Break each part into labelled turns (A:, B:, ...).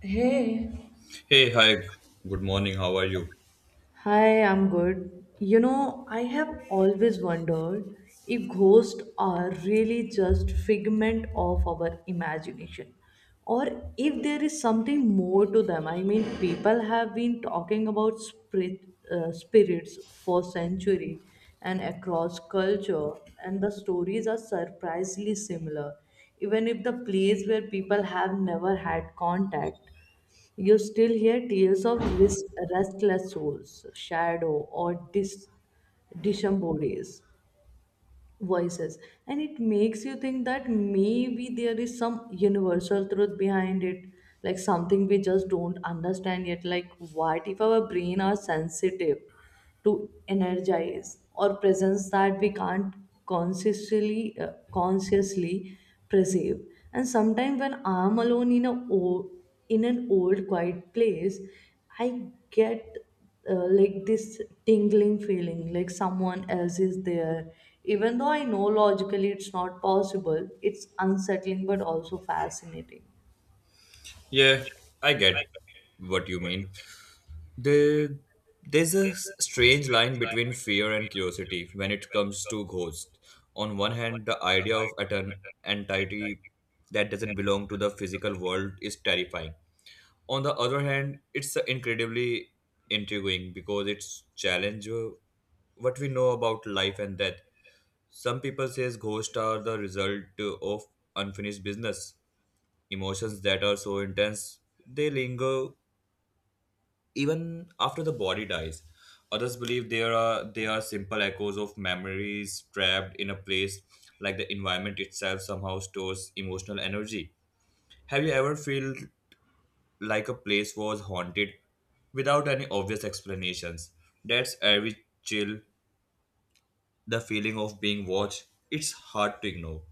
A: Hey,
B: Hey, hi, good morning, how are you?
A: hi, I'm good. You know, I have always wondered if ghosts are really just figment of our imagination or if there is something more to them. I mean, people have been talking about spirits for centuries and across culture and the stories are surprisingly similar even if the place where people have never had contact you still hear tears of restless souls, shadow, or disembodies voices, and it makes you think that maybe there is some universal truth behind it, like something we just don't understand yet. Like, what if our brain are sensitive to energize or presence that we can't consciously perceive? And sometimes when I'm alone in an old quiet place I get like this tingling feeling like someone else is there, even though I know logically it's not possible. It's unsettling but also fascinating.
B: Yeah, I get what you mean. The, there's a strange line between fear and curiosity when it comes to ghosts. On one hand, the idea of at an entity that doesn't belong to the physical world is terrifying. On the other hand, it's incredibly intriguing because it's challenge what we know about life and death. Some people says ghosts are the result of unfinished business. Emotions that are so intense, they linger even after the body dies. Others believe they are simple echoes of memories trapped in a place, like the environment itself somehow stores emotional energy. Have you ever felt like a place was haunted without any obvious explanations? That's every chill, the feeling of being watched. It's hard to ignore.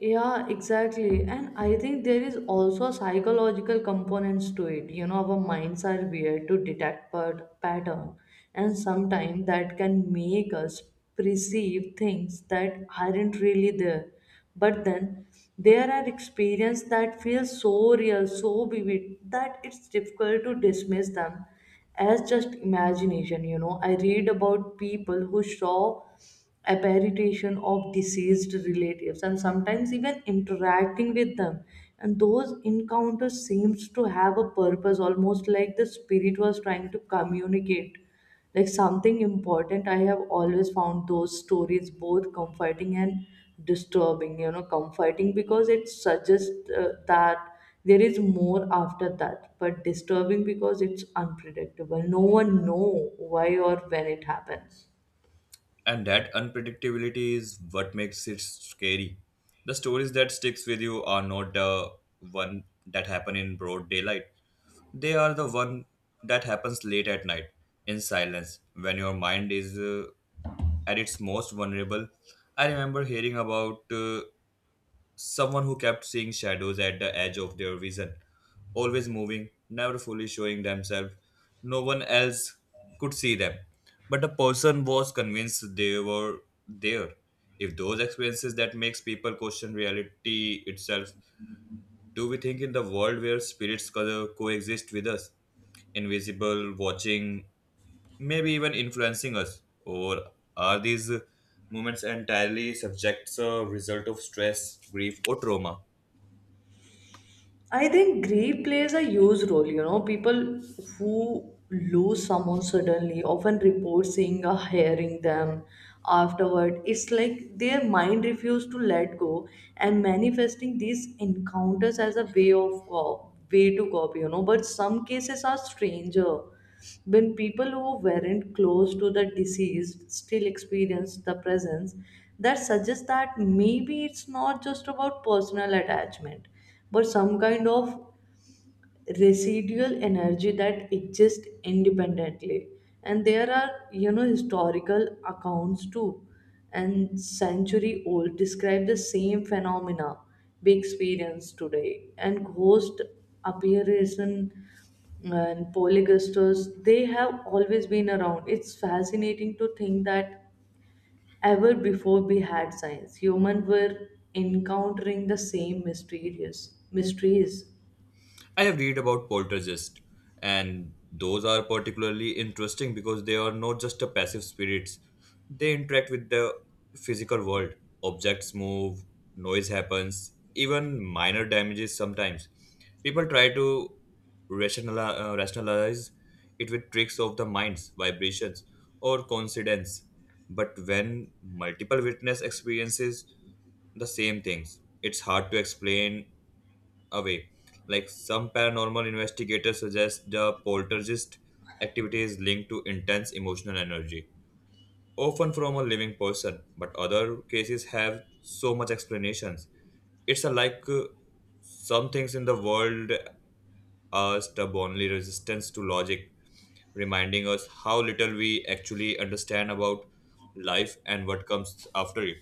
A: Yeah, exactly. And I think there is also psychological components to it. You know, our minds are weird to detect pattern, and sometimes that can make us perceive things that aren't really there. But then there are experiences that feel so real, so vivid that it's difficult to dismiss them as just imagination. You know, I read about people who saw apparition of deceased relatives and sometimes even interacting with them, and those encounters seems to have a purpose, almost like the spirit was trying to communicate like something important. I have always found those stories both comforting and disturbing. You know, comforting because it suggests that there is more after that, but disturbing because it's unpredictable. No one know why or when it happens.
B: And that unpredictability is what makes it scary. The stories that sticks with you are not the one that happen in broad daylight. They are the one that happens late at night in silence when your mind is at its most vulnerable. I remember hearing about someone who kept seeing shadows at the edge of their vision, always moving, never fully showing themselves. No one else could see them. But the person was convinced they were there. If those experiences that makes people question reality itself, do we think in the world where spirits coexist with us? Invisible, watching, maybe even influencing us? Or are these moments entirely subjects a result of stress, grief, or trauma?
A: I think grief plays a huge role. You know, people who lose someone suddenly often report seeing or hearing them afterward. It's like their mind refused to let go and manifesting these encounters as a way to cope. You know, but some cases are stranger when people who weren't close to the deceased still experience the presence. That suggests that maybe it's not just about personal attachment but some kind of residual energy that exists independently. And there are, you know, historical accounts too, and century old describe the same phenomena we experience today. And ghost appearances and polygasters, they have always been around. It's fascinating to think that ever before we had science, humans were encountering the same mysterious mysteries.
B: I have read about poltergeists, and those are particularly interesting because they are not just a passive spirits. They interact with the physical world. Objects move, noise happens, even minor damages sometimes. People try to rationalize it with tricks of the minds, vibrations, or coincidence. But when multiple witness experiences the same things, it's hard to explain away. Like some paranormal investigators suggest the poltergeist activity is linked to intense emotional energy, often from a living person, but other cases have so much explanations. It's a like some things in the world are stubbornly resistant to logic, reminding us how little we actually understand about life and what comes after it.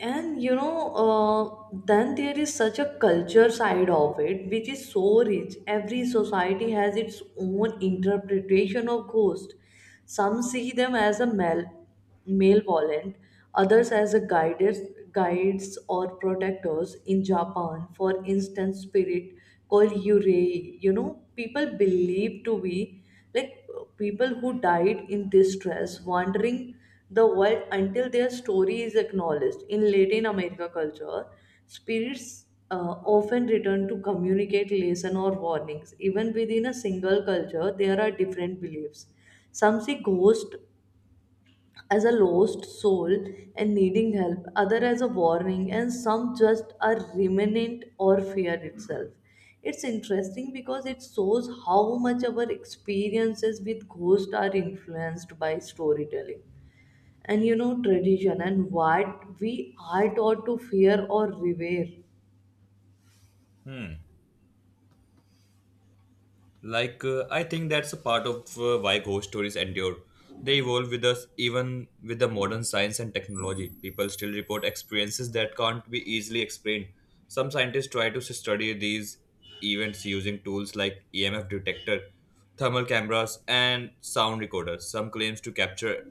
A: And you know, then there is such a culture side of it which is so rich. Every society has its own interpretation of ghost. Some see them as malevolent, others as a guides guides or protectors. In Japan, for instance, spirit called yurei, you know, people believe to be like people who died in distress wandering the world until their story is acknowledged. In Latin America culture, spirits often return to communicate lesson or warnings. Even within a single culture, there are different beliefs. Some see ghost as a lost soul and needing help, other as a warning, and some just a remnant or fear itself. It's interesting because it shows how much our experiences with ghosts are influenced by storytelling and, you know, tradition and what we are taught to fear or revere.
B: Like, I think that's a part of why ghost stories endure. They evolve with us, even with the modern science and technology. People still report experiences that can't be easily explained. Some scientists try to study these events using tools like EMF detector, thermal cameras, and sound recorders. Some claims to capture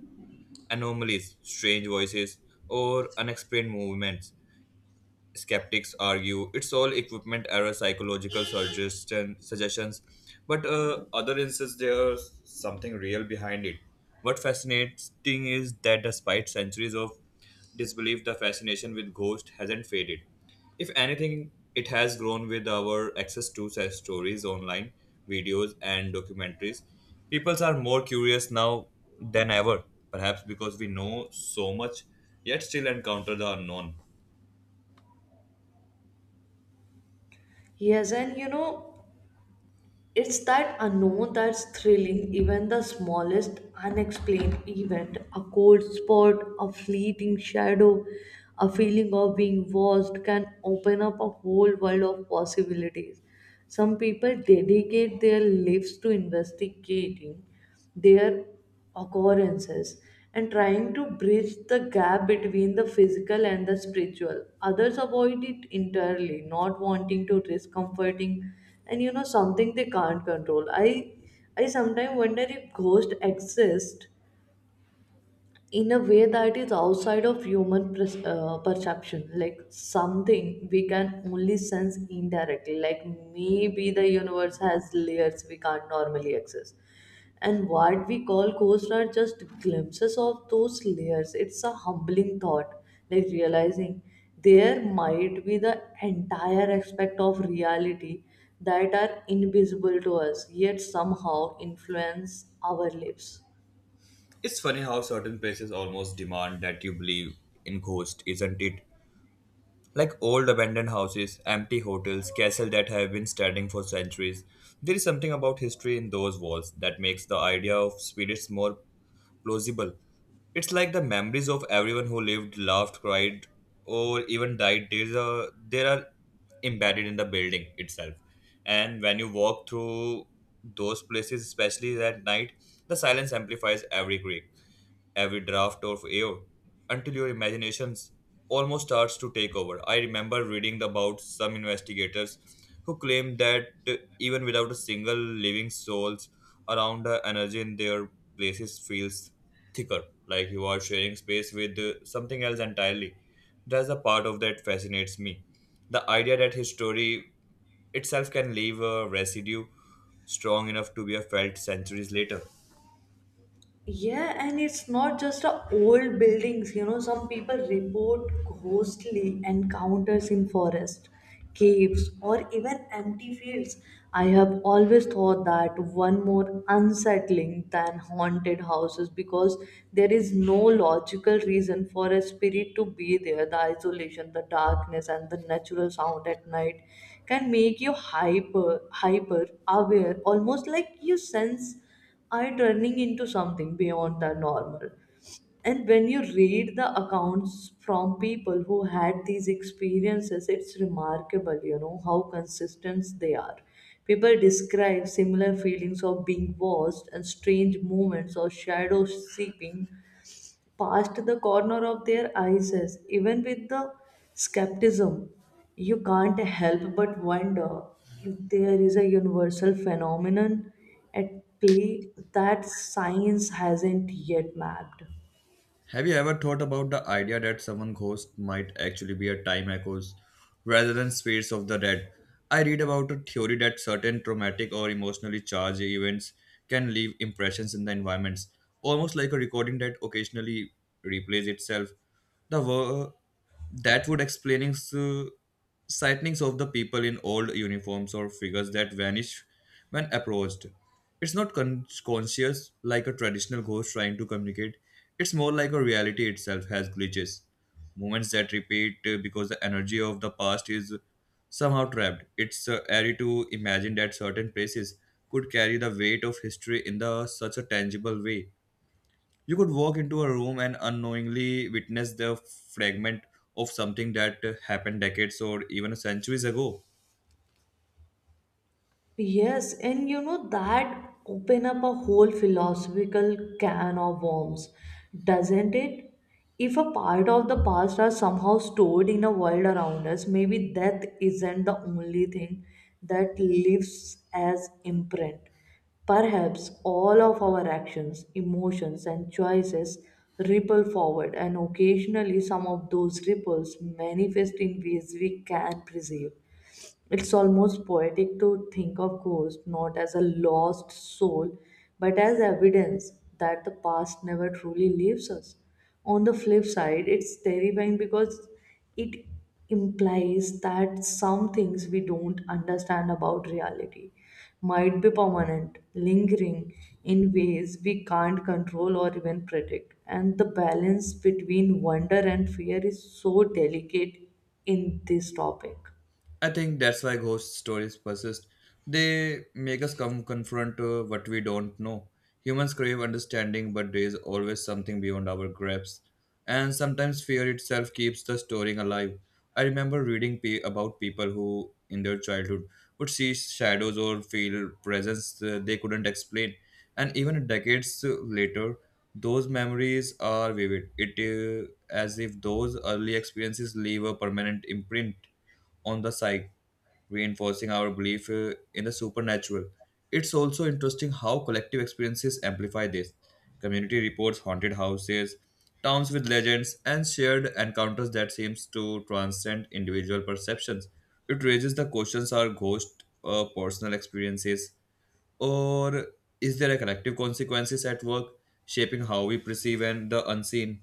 B: anomalies, strange voices, or unexplained movements. Skeptics argue it's all equipment error, psychological suggestions, but other insists there's something real behind it. What fascinating is that despite centuries of disbelief, the fascination with ghosts hasn't faded. If anything, it has grown with our access to such stories online, videos, and documentaries. People are more curious now than ever, perhaps because we know so much yet still encounter the unknown.
A: Yes, and you know, it's that unknown that's thrilling. Even the smallest unexplained event, a cold spot, a fleeting shadow, a feeling of being watched, can open up a whole world of possibilities. Some people dedicate their lives to investigating their occurrences and trying to bridge the gap between the physical and the spiritual. Others avoid it entirely, not wanting to risk comforting and, you know, something they can't control. I sometimes wonder if ghosts exist in a way that is outside of human perception, like something we can only sense indirectly, like maybe the universe has layers we can't normally access, and what we call ghosts are just glimpses of those layers. It's a humbling thought, like realizing there might be the entire aspect of reality that are invisible to us yet somehow influence our lives.
B: It's funny how certain places almost demand that you believe in ghosts, isn't it? Like old abandoned houses, empty hotels, castles that have been standing for centuries. There is something about history in those walls that makes the idea of spirits more plausible. It's like the memories of everyone who lived, laughed, cried, or even died. There are embedded in the building itself. And when you walk through those places, especially at night, the silence amplifies every creak, every draft of air, until your imaginations almost starts to take over. I remember reading about some investigators who claim that even without a single living souls around, the energy in their places feels thicker, like you are sharing space with something else entirely. That's a part of that fascinates me. The idea that history itself can leave a residue strong enough to be felt centuries later.
A: Yeah, and it's not just a old buildings, you know, some people report ghostly encounters in forest, caves, or even empty fields. I have always thought that one more unsettling than haunted houses because there is no logical reason for a spirit to be there. The isolation, the darkness, and the natural sound at night can make you hyper aware, almost like you sense are turning into something beyond the normal. And when you read the accounts from people who had these experiences, it's remarkable, you know, how consistent they are. People describe similar feelings of being watched and strange moments or shadow seeping past the corner of their eyes. Even with the skepticism, you can't help but wonder if there is a universal phenomenon at play that science hasn't yet mapped.
B: Have you ever thought about the idea that someone ghost might actually be a time echoes rather than spirits of the dead? I read about a theory that certain traumatic or emotionally charged events can leave impressions in the environments, almost like a recording that occasionally replays itself. The wor- that would explaining sightings of the people in old uniforms or figures that vanish when approached. It's not conscious like a traditional ghost trying to communicate. It's more like a reality itself has glitches, moments that repeat because the energy of the past is somehow trapped. It's airy to imagine that certain places could carry the weight of history in the such a tangible way. You could walk into a room and unknowingly witness the fragment of something that happened decades or even centuries ago.
A: Yes, and you know, that open up a whole philosophical can of worms, doesn't it? If a part of the past are somehow stored in a world around us, maybe death isn't the only thing that lives as imprint. Perhaps all of our actions, emotions, and choices ripple forward, and occasionally some of those ripples manifest in ways we can perceive. It's almost poetic to think of ghosts not as a lost soul, but as evidence that the past never truly leaves us. On the flip side, it's terrifying because it implies that some things we don't understand about reality might be permanent, lingering in ways we can't control or even predict. And the balance between wonder and fear is so delicate in this topic.
B: I think that's why ghost stories persist. They make us come confront what we don't know. Humans crave understanding, but there is always something beyond our grasp. And sometimes fear itself keeps the story alive. I remember reading about people who, in their childhood, would see shadows or feel presence they couldn't explain. And even decades later, those memories are vivid. It as if those early experiences leave a permanent imprint on the psyche, reinforcing our belief in the supernatural. It's also interesting how collective experiences amplify this. Community reports haunted houses, towns with legends, and shared encounters that seems to transcend individual perceptions. It raises the questions, are ghosts personal experiences, or is there a collective consequences at work shaping how we perceive and the unseen?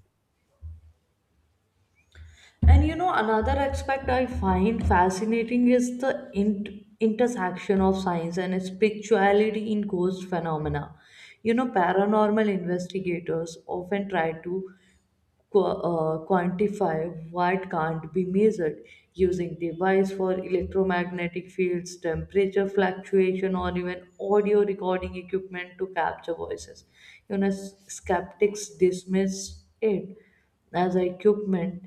A: And you know, another aspect I find fascinating is the intersection of science and spirituality in ghost phenomena. You know, paranormal investigators often try to quantify what can't be measured, using device for electromagnetic fields, temperature fluctuation, or even audio recording equipment to capture voices. You know, skeptics dismiss it as equipment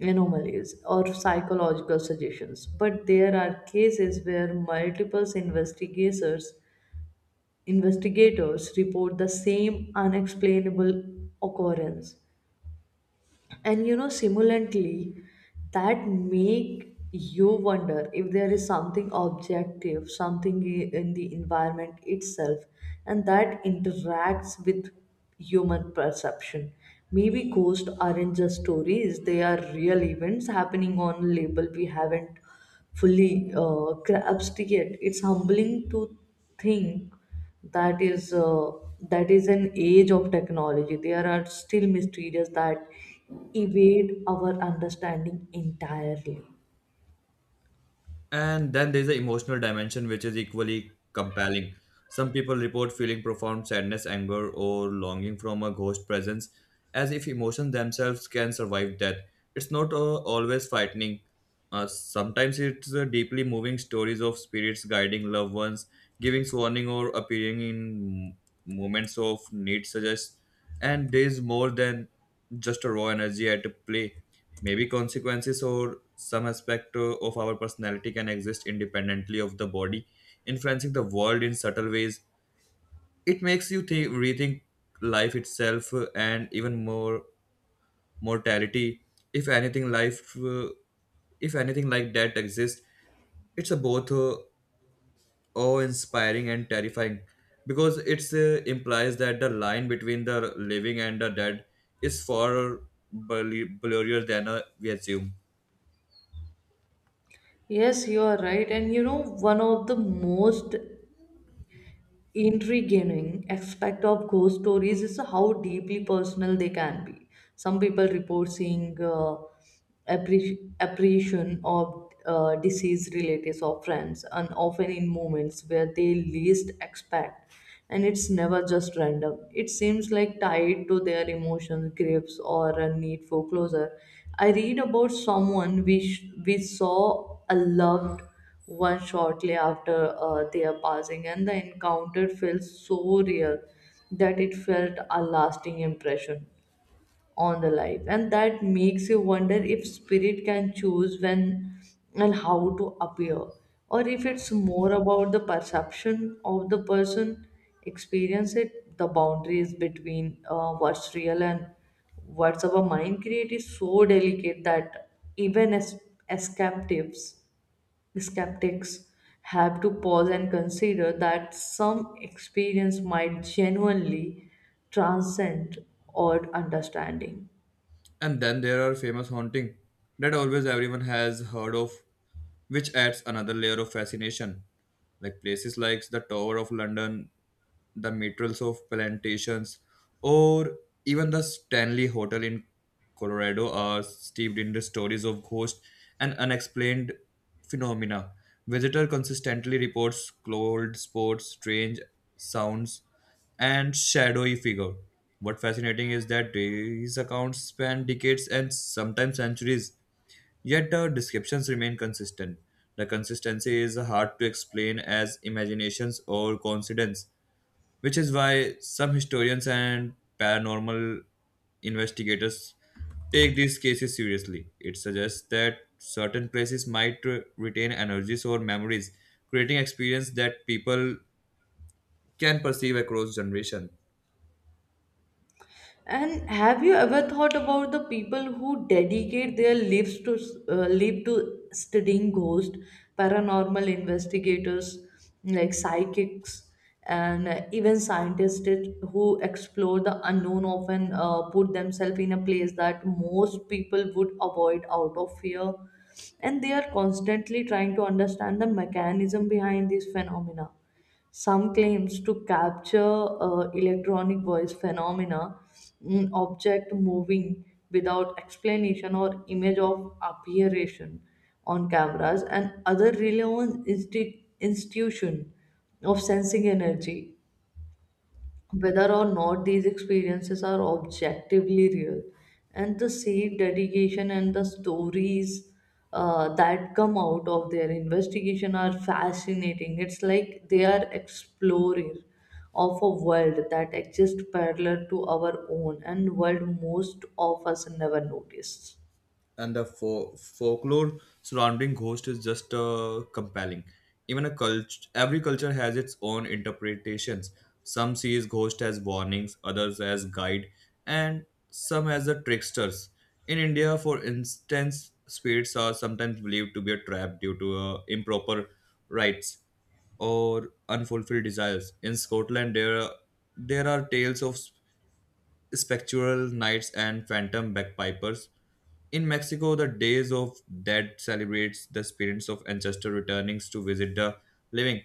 A: anomalies or psychological suggestions, but there are cases where multiple investigators report the same unexplainable occurrence. And you know, simulantly, that make you wonder if there is something objective, something in the environment itself, and that interacts with human perception. Maybe ghosts aren't just stories, they are real events happening on label we haven't fully grasped yet. It's humbling to think that is an age of technology, there are still mysteries that evade our understanding entirely.
B: And then there's the emotional dimension, which is equally compelling. Some people report feeling profound sadness, anger, or longing from a ghost presence, as if emotions themselves can survive death. It's not always frightening. Sometimes it's deeply moving stories of spirits guiding loved ones, giving warning, or appearing in moments of need, suggests. And there's more than just a raw energy at play. Maybe consequences or some aspect of our personality can exist independently of the body, influencing the world in subtle ways. It makes you think, rethink life itself and even more mortality. If anything, life, if anything like that exists, it's a both awe-inspiring and terrifying because it implies that the line between the living and the dead is far blurrier than we assume.
A: Yes, you are right. And you know, one of the most intriguing aspect of ghost stories is how deeply personal they can be. Some people report seeing apparition of deceased relatives or friends, and often in moments where they least expect. And it's never just random. It seems like tied to their emotions, griefs, or a need for closure. I read about someone we saw a loved one shortly after their passing, and the encounter felt so real that it felt a lasting impression on the life. And that makes you wonder if spirit can choose when and how to appear, or if it's more about the perception of the person experience it. The boundaries between what's real and what's our mind create is so delicate that even as escape tips skeptics have to pause and consider that some experience might genuinely transcend our understanding.
B: And then there are famous haunting that always everyone has heard of, which adds another layer of fascination. Like places like the Tower of London, the metals of plantations, or even the Stanley Hotel in Colorado are steeped in the stories of ghosts and unexplained phenomena. Visitor consistently reports cold spots, strange sounds, and shadowy figure. What fascinating is that these accounts span decades and sometimes centuries, yet the descriptions remain consistent. The consistency is hard to explain as imaginations or coincidence, which is why some historians and paranormal investigators take these cases seriously. It suggests that certain places might retain energies or memories, creating experience that people can perceive across generation.
A: And have you ever thought about the people who dedicate their live to studying ghosts, paranormal investigators, like psychics, and even scientists who explore the unknown, often put themselves in a place that most people would avoid out of fear, and they are constantly trying to understand the mechanism behind these phenomena. Some claims to capture electronic voice phenomena, object moving without explanation or image of appearation on cameras, and other relevant institution of sensing energy. Whether or not these experiences are objectively real, and the seed dedication and the stories that come out of their investigation are fascinating. It's like they are explorers of a world that exists parallel to our own, and world most of us never noticed.
B: And the folklore surrounding ghost is just compelling. Every culture has its own interpretations. Some sees ghost as warnings, others as guide, and some as the tricksters. In India, for instance, spirits are sometimes believed to be a trap due to improper rites or unfulfilled desires. In Scotland, there are tales of spectral nights and phantom bagpipers. In Mexico, the Days of Dead celebrates the spirits of ancestors returning to visit the living.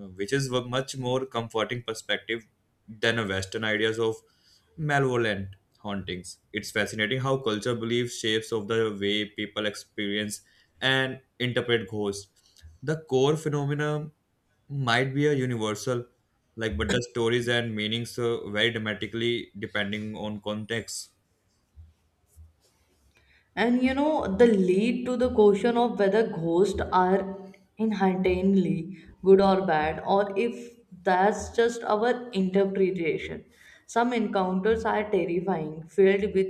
B: Which is a much more comforting perspective than a Western ideas of malevolent hauntings. It's fascinating how culture beliefs shapes of the way people experience and interpret ghosts. The core phenomena might be a universal, like, but the stories and meanings vary dramatically depending on context.
A: And you know, the lead to the question of whether ghosts are inherently good or bad, or if that's just our interpretation. Some encounters are terrifying, filled with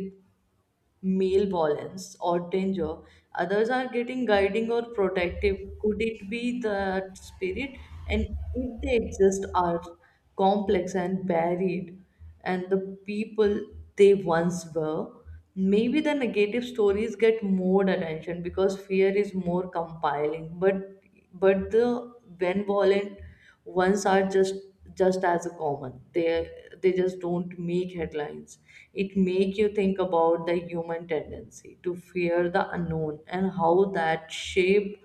A: male violence or danger, others are getting guiding or protective. Could it be that spirit? And if they exist, are complex and varied, and the people they once were, maybe the negative stories get more attention because fear is more compiling. But the when violent ones are just as common, they just don't make headlines. It make you think about the human tendency to fear the unknown and how that shape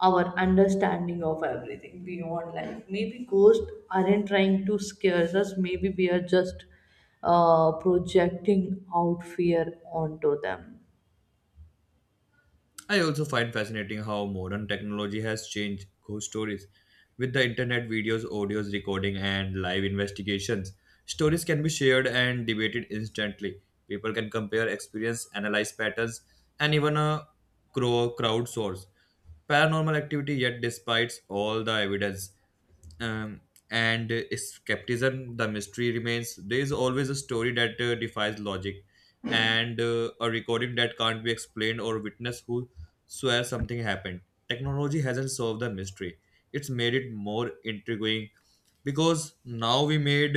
A: our understanding of everything beyond life. Maybe ghosts aren't trying to scare us, maybe we are just projecting out fear onto them.
B: I also find fascinating how modern technology has changed ghost stories. With the internet, videos, audios, recording, and live investigations, stories can be shared and debated instantly. People can compare experience, analyze patterns, and even a crowdsource paranormal activity. Yet, despite all the evidence, um, and skepticism, the mystery remains. There is always a story that defies logic and a recording that can't be explained, or witness who swear something happened. Technology hasn't solved the mystery, it's made it more intriguing, because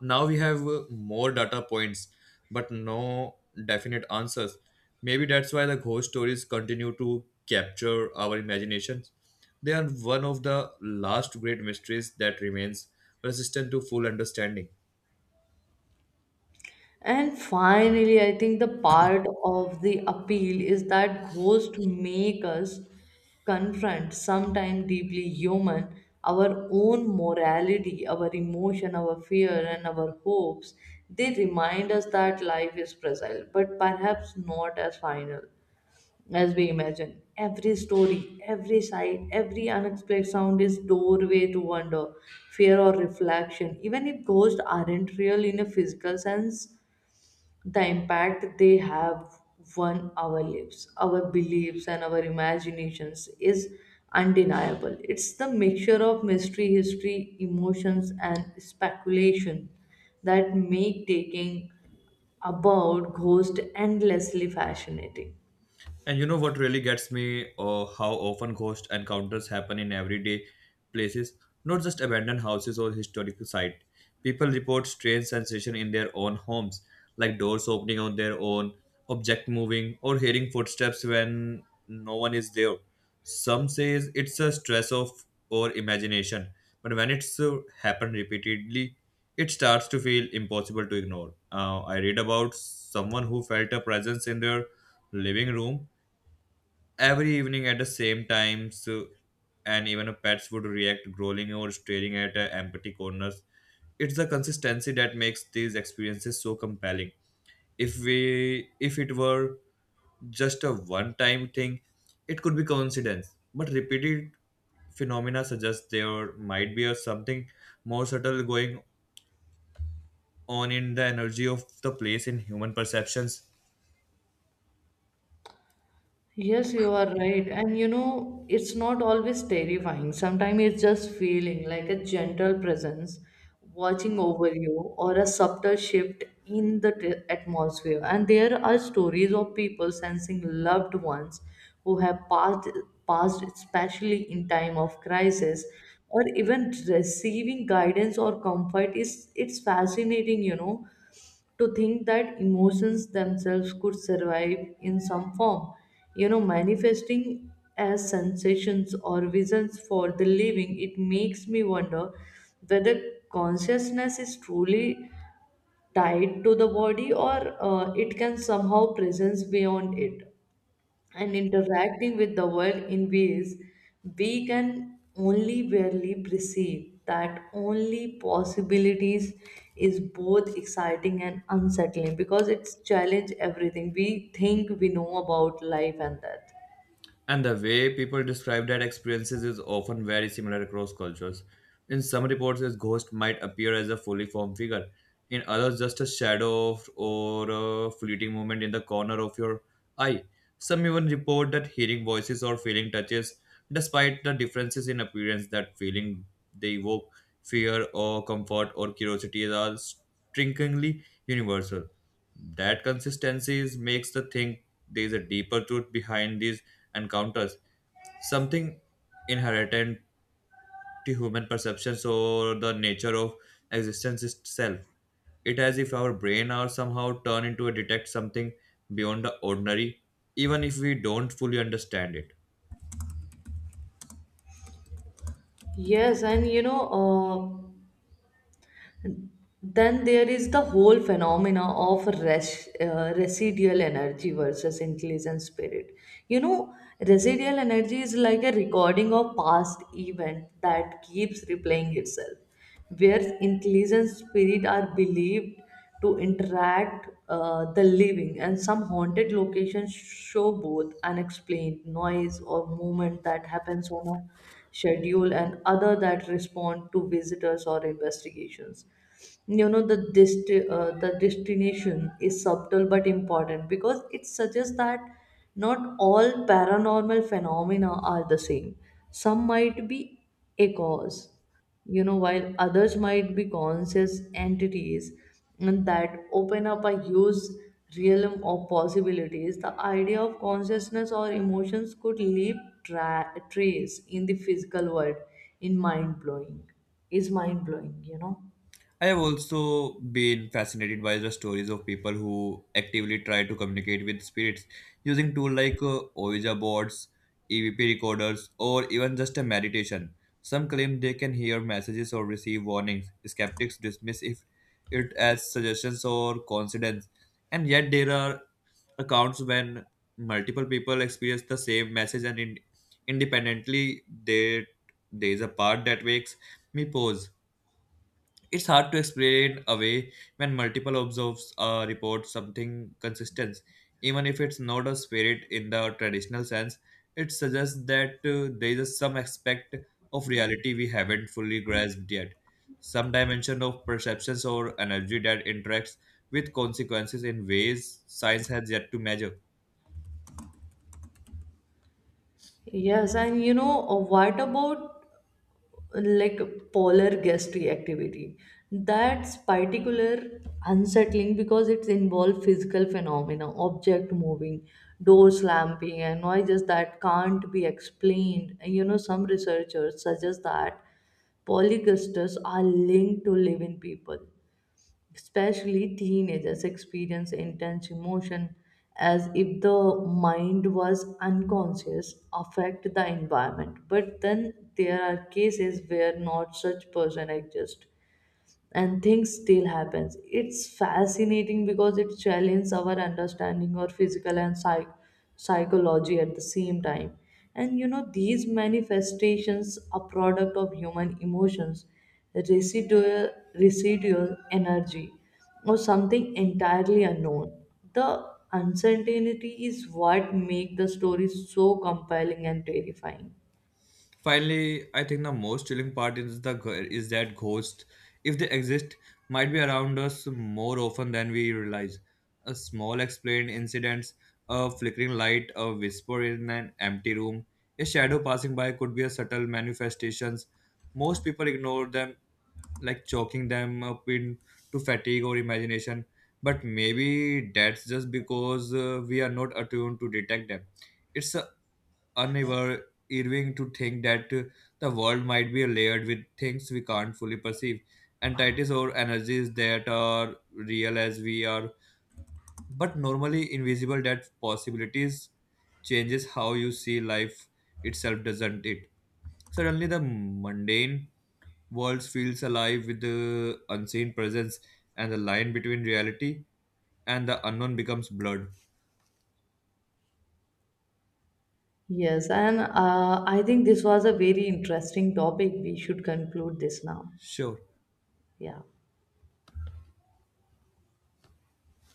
B: now we have more data points but no definite answers. Maybe that's why the ghost stories continue to capture our imaginations. They are one of the last great mysteries that remains resistant to full understanding.
A: And finally, I think the part of the appeal is that ghosts make us confront, sometimes deeply human, our own morality, our emotion, our fear, and our hopes. They remind us that life is fragile, but perhaps not as final as we imagine. Every story, every sight, every unexplained sound is doorway to wonder, fear, or reflection. Even if ghosts aren't real in a physical sense, the impact they have on our lives, our beliefs, and our imaginations is undeniable. It's the mixture of mystery, history, emotions, and speculation that make taking about ghosts endlessly fascinating.
B: And you know what really gets me? How often ghost encounters happen in everyday places, not just abandoned houses or historical sites. People report strange sensations in their own homes, like doors opening on their own, object moving, or hearing footsteps when no one is there. Some says it's a stress of or imagination, but when it's happened repeatedly, it starts to feel impossible to ignore. I read about someone who felt a presence in their living room every evening at the same time so, and even pets would react growling or staring at empty corners. It's the consistency that makes these experiences so compelling. If it were just a one time thing, it could be coincidence, but repeated phenomena suggest there might be a something more subtle going on in the energy of the place in human perceptions.
A: Yes, you are right. And you know, it's not always terrifying. Sometimes it's just feeling like a gentle presence watching over you or a subtle shift in the atmosphere. And there are stories of people sensing loved ones who have passed, especially in time of crisis or even receiving guidance or comfort. Is it's fascinating, you know, to think that emotions themselves could survive in some form, you know, manifesting as sensations or visions for the living. It makes me wonder whether consciousness is truly tied to the body, or it can somehow presence beyond it and interacting with the world in ways we can only barely perceive. That only possibilities is both exciting and unsettling because it's challenge everything we think we know about life and death.
B: And the way people describe that experiences is often very similar across cultures. In some reports, a ghost might appear as a fully formed figure, in others, just a shadow of, or a fleeting moment in the corner of your eye. Some even report that hearing voices or feeling touches, despite the differences in appearance, that feeling they evoke fear or comfort or curiosity are strikingly universal. That makes the think there is a deeper truth behind these encounters, something inherent to human perceptions or the nature of existence itself. It as if our brain are somehow turned into a detect something beyond the ordinary, even if we don't fully understand it.
A: Yes, and you know, then there is the whole phenomena of residual energy versus intelligent spirit. You know, residual energy is like a recording of past event that keeps replaying itself, where intelligent spirit are believed to interact the living, and some haunted locations show both unexplained noise or movement that happens on a schedule, and other that respond to visitors or investigations. You know, the destination is subtle but important because it suggests that not all paranormal phenomena are the same. Some might be echoes, you know, while others might be conscious entities. And that open up a huge realm of possibilities. The idea of consciousness or emotions could leave trace in the physical world in mind blowing is mind blowing, you know.
B: I have also been fascinated by the stories of people who actively try to communicate with spirits using tools like Ouija boards, EVP recorders, or even just a meditation. Some claim they can hear messages or receive warnings. Skeptics dismiss if it as suggestions or coincidence, and yet there are accounts when multiple people experience the same message and independently. There is a part that makes me pause. It's hard to explain away when multiple observes report something consistent, even if it's not a spirit in the traditional sense. It suggests that there is some aspect of reality we haven't fully grasped yet, some dimension of perceptions or energy that interacts with consequences in ways science has yet to measure.
A: Yes, and you know, what about uh, like polar gastry activity? That's particular unsettling because it involves physical phenomena, object moving, door slamming, and noises that can't be explained. And you know, some researchers suggest that polygasters are linked to live-in people, especially teenagers experience intense emotion, as if the mind was unconscious affect the environment. But then there are cases where not such person exist and things still happens. It's fascinating because it challenges our understanding or physical and psychology at the same time. And you know, these manifestations are product of human emotions, residual energy, or something entirely unknown. The uncertainty is what makes the story so compelling and terrifying.
B: Finally, I think the most chilling part is is that ghosts, if they exist, might be around us more often than we realize. A small explained incidents, a flickering light, a whisper in an empty room, a shadow passing by could be a subtle manifestations. Most people ignore them, like chalking them up into fatigue or imagination. But maybe that's just because we are not attuned to detect them. It's unnerving Irving to think that the world might be layered with things we can't fully perceive, entities or energies that are real as we are, but normally invisible. That possibilities changes how you see life itself, doesn't it? Suddenly, the mundane world feels alive with the unseen presence, and the line between reality and the unknown becomes blurred.
A: Yes, and I think this was a very interesting topic. We should conclude this now.
B: Sure.
A: Yeah.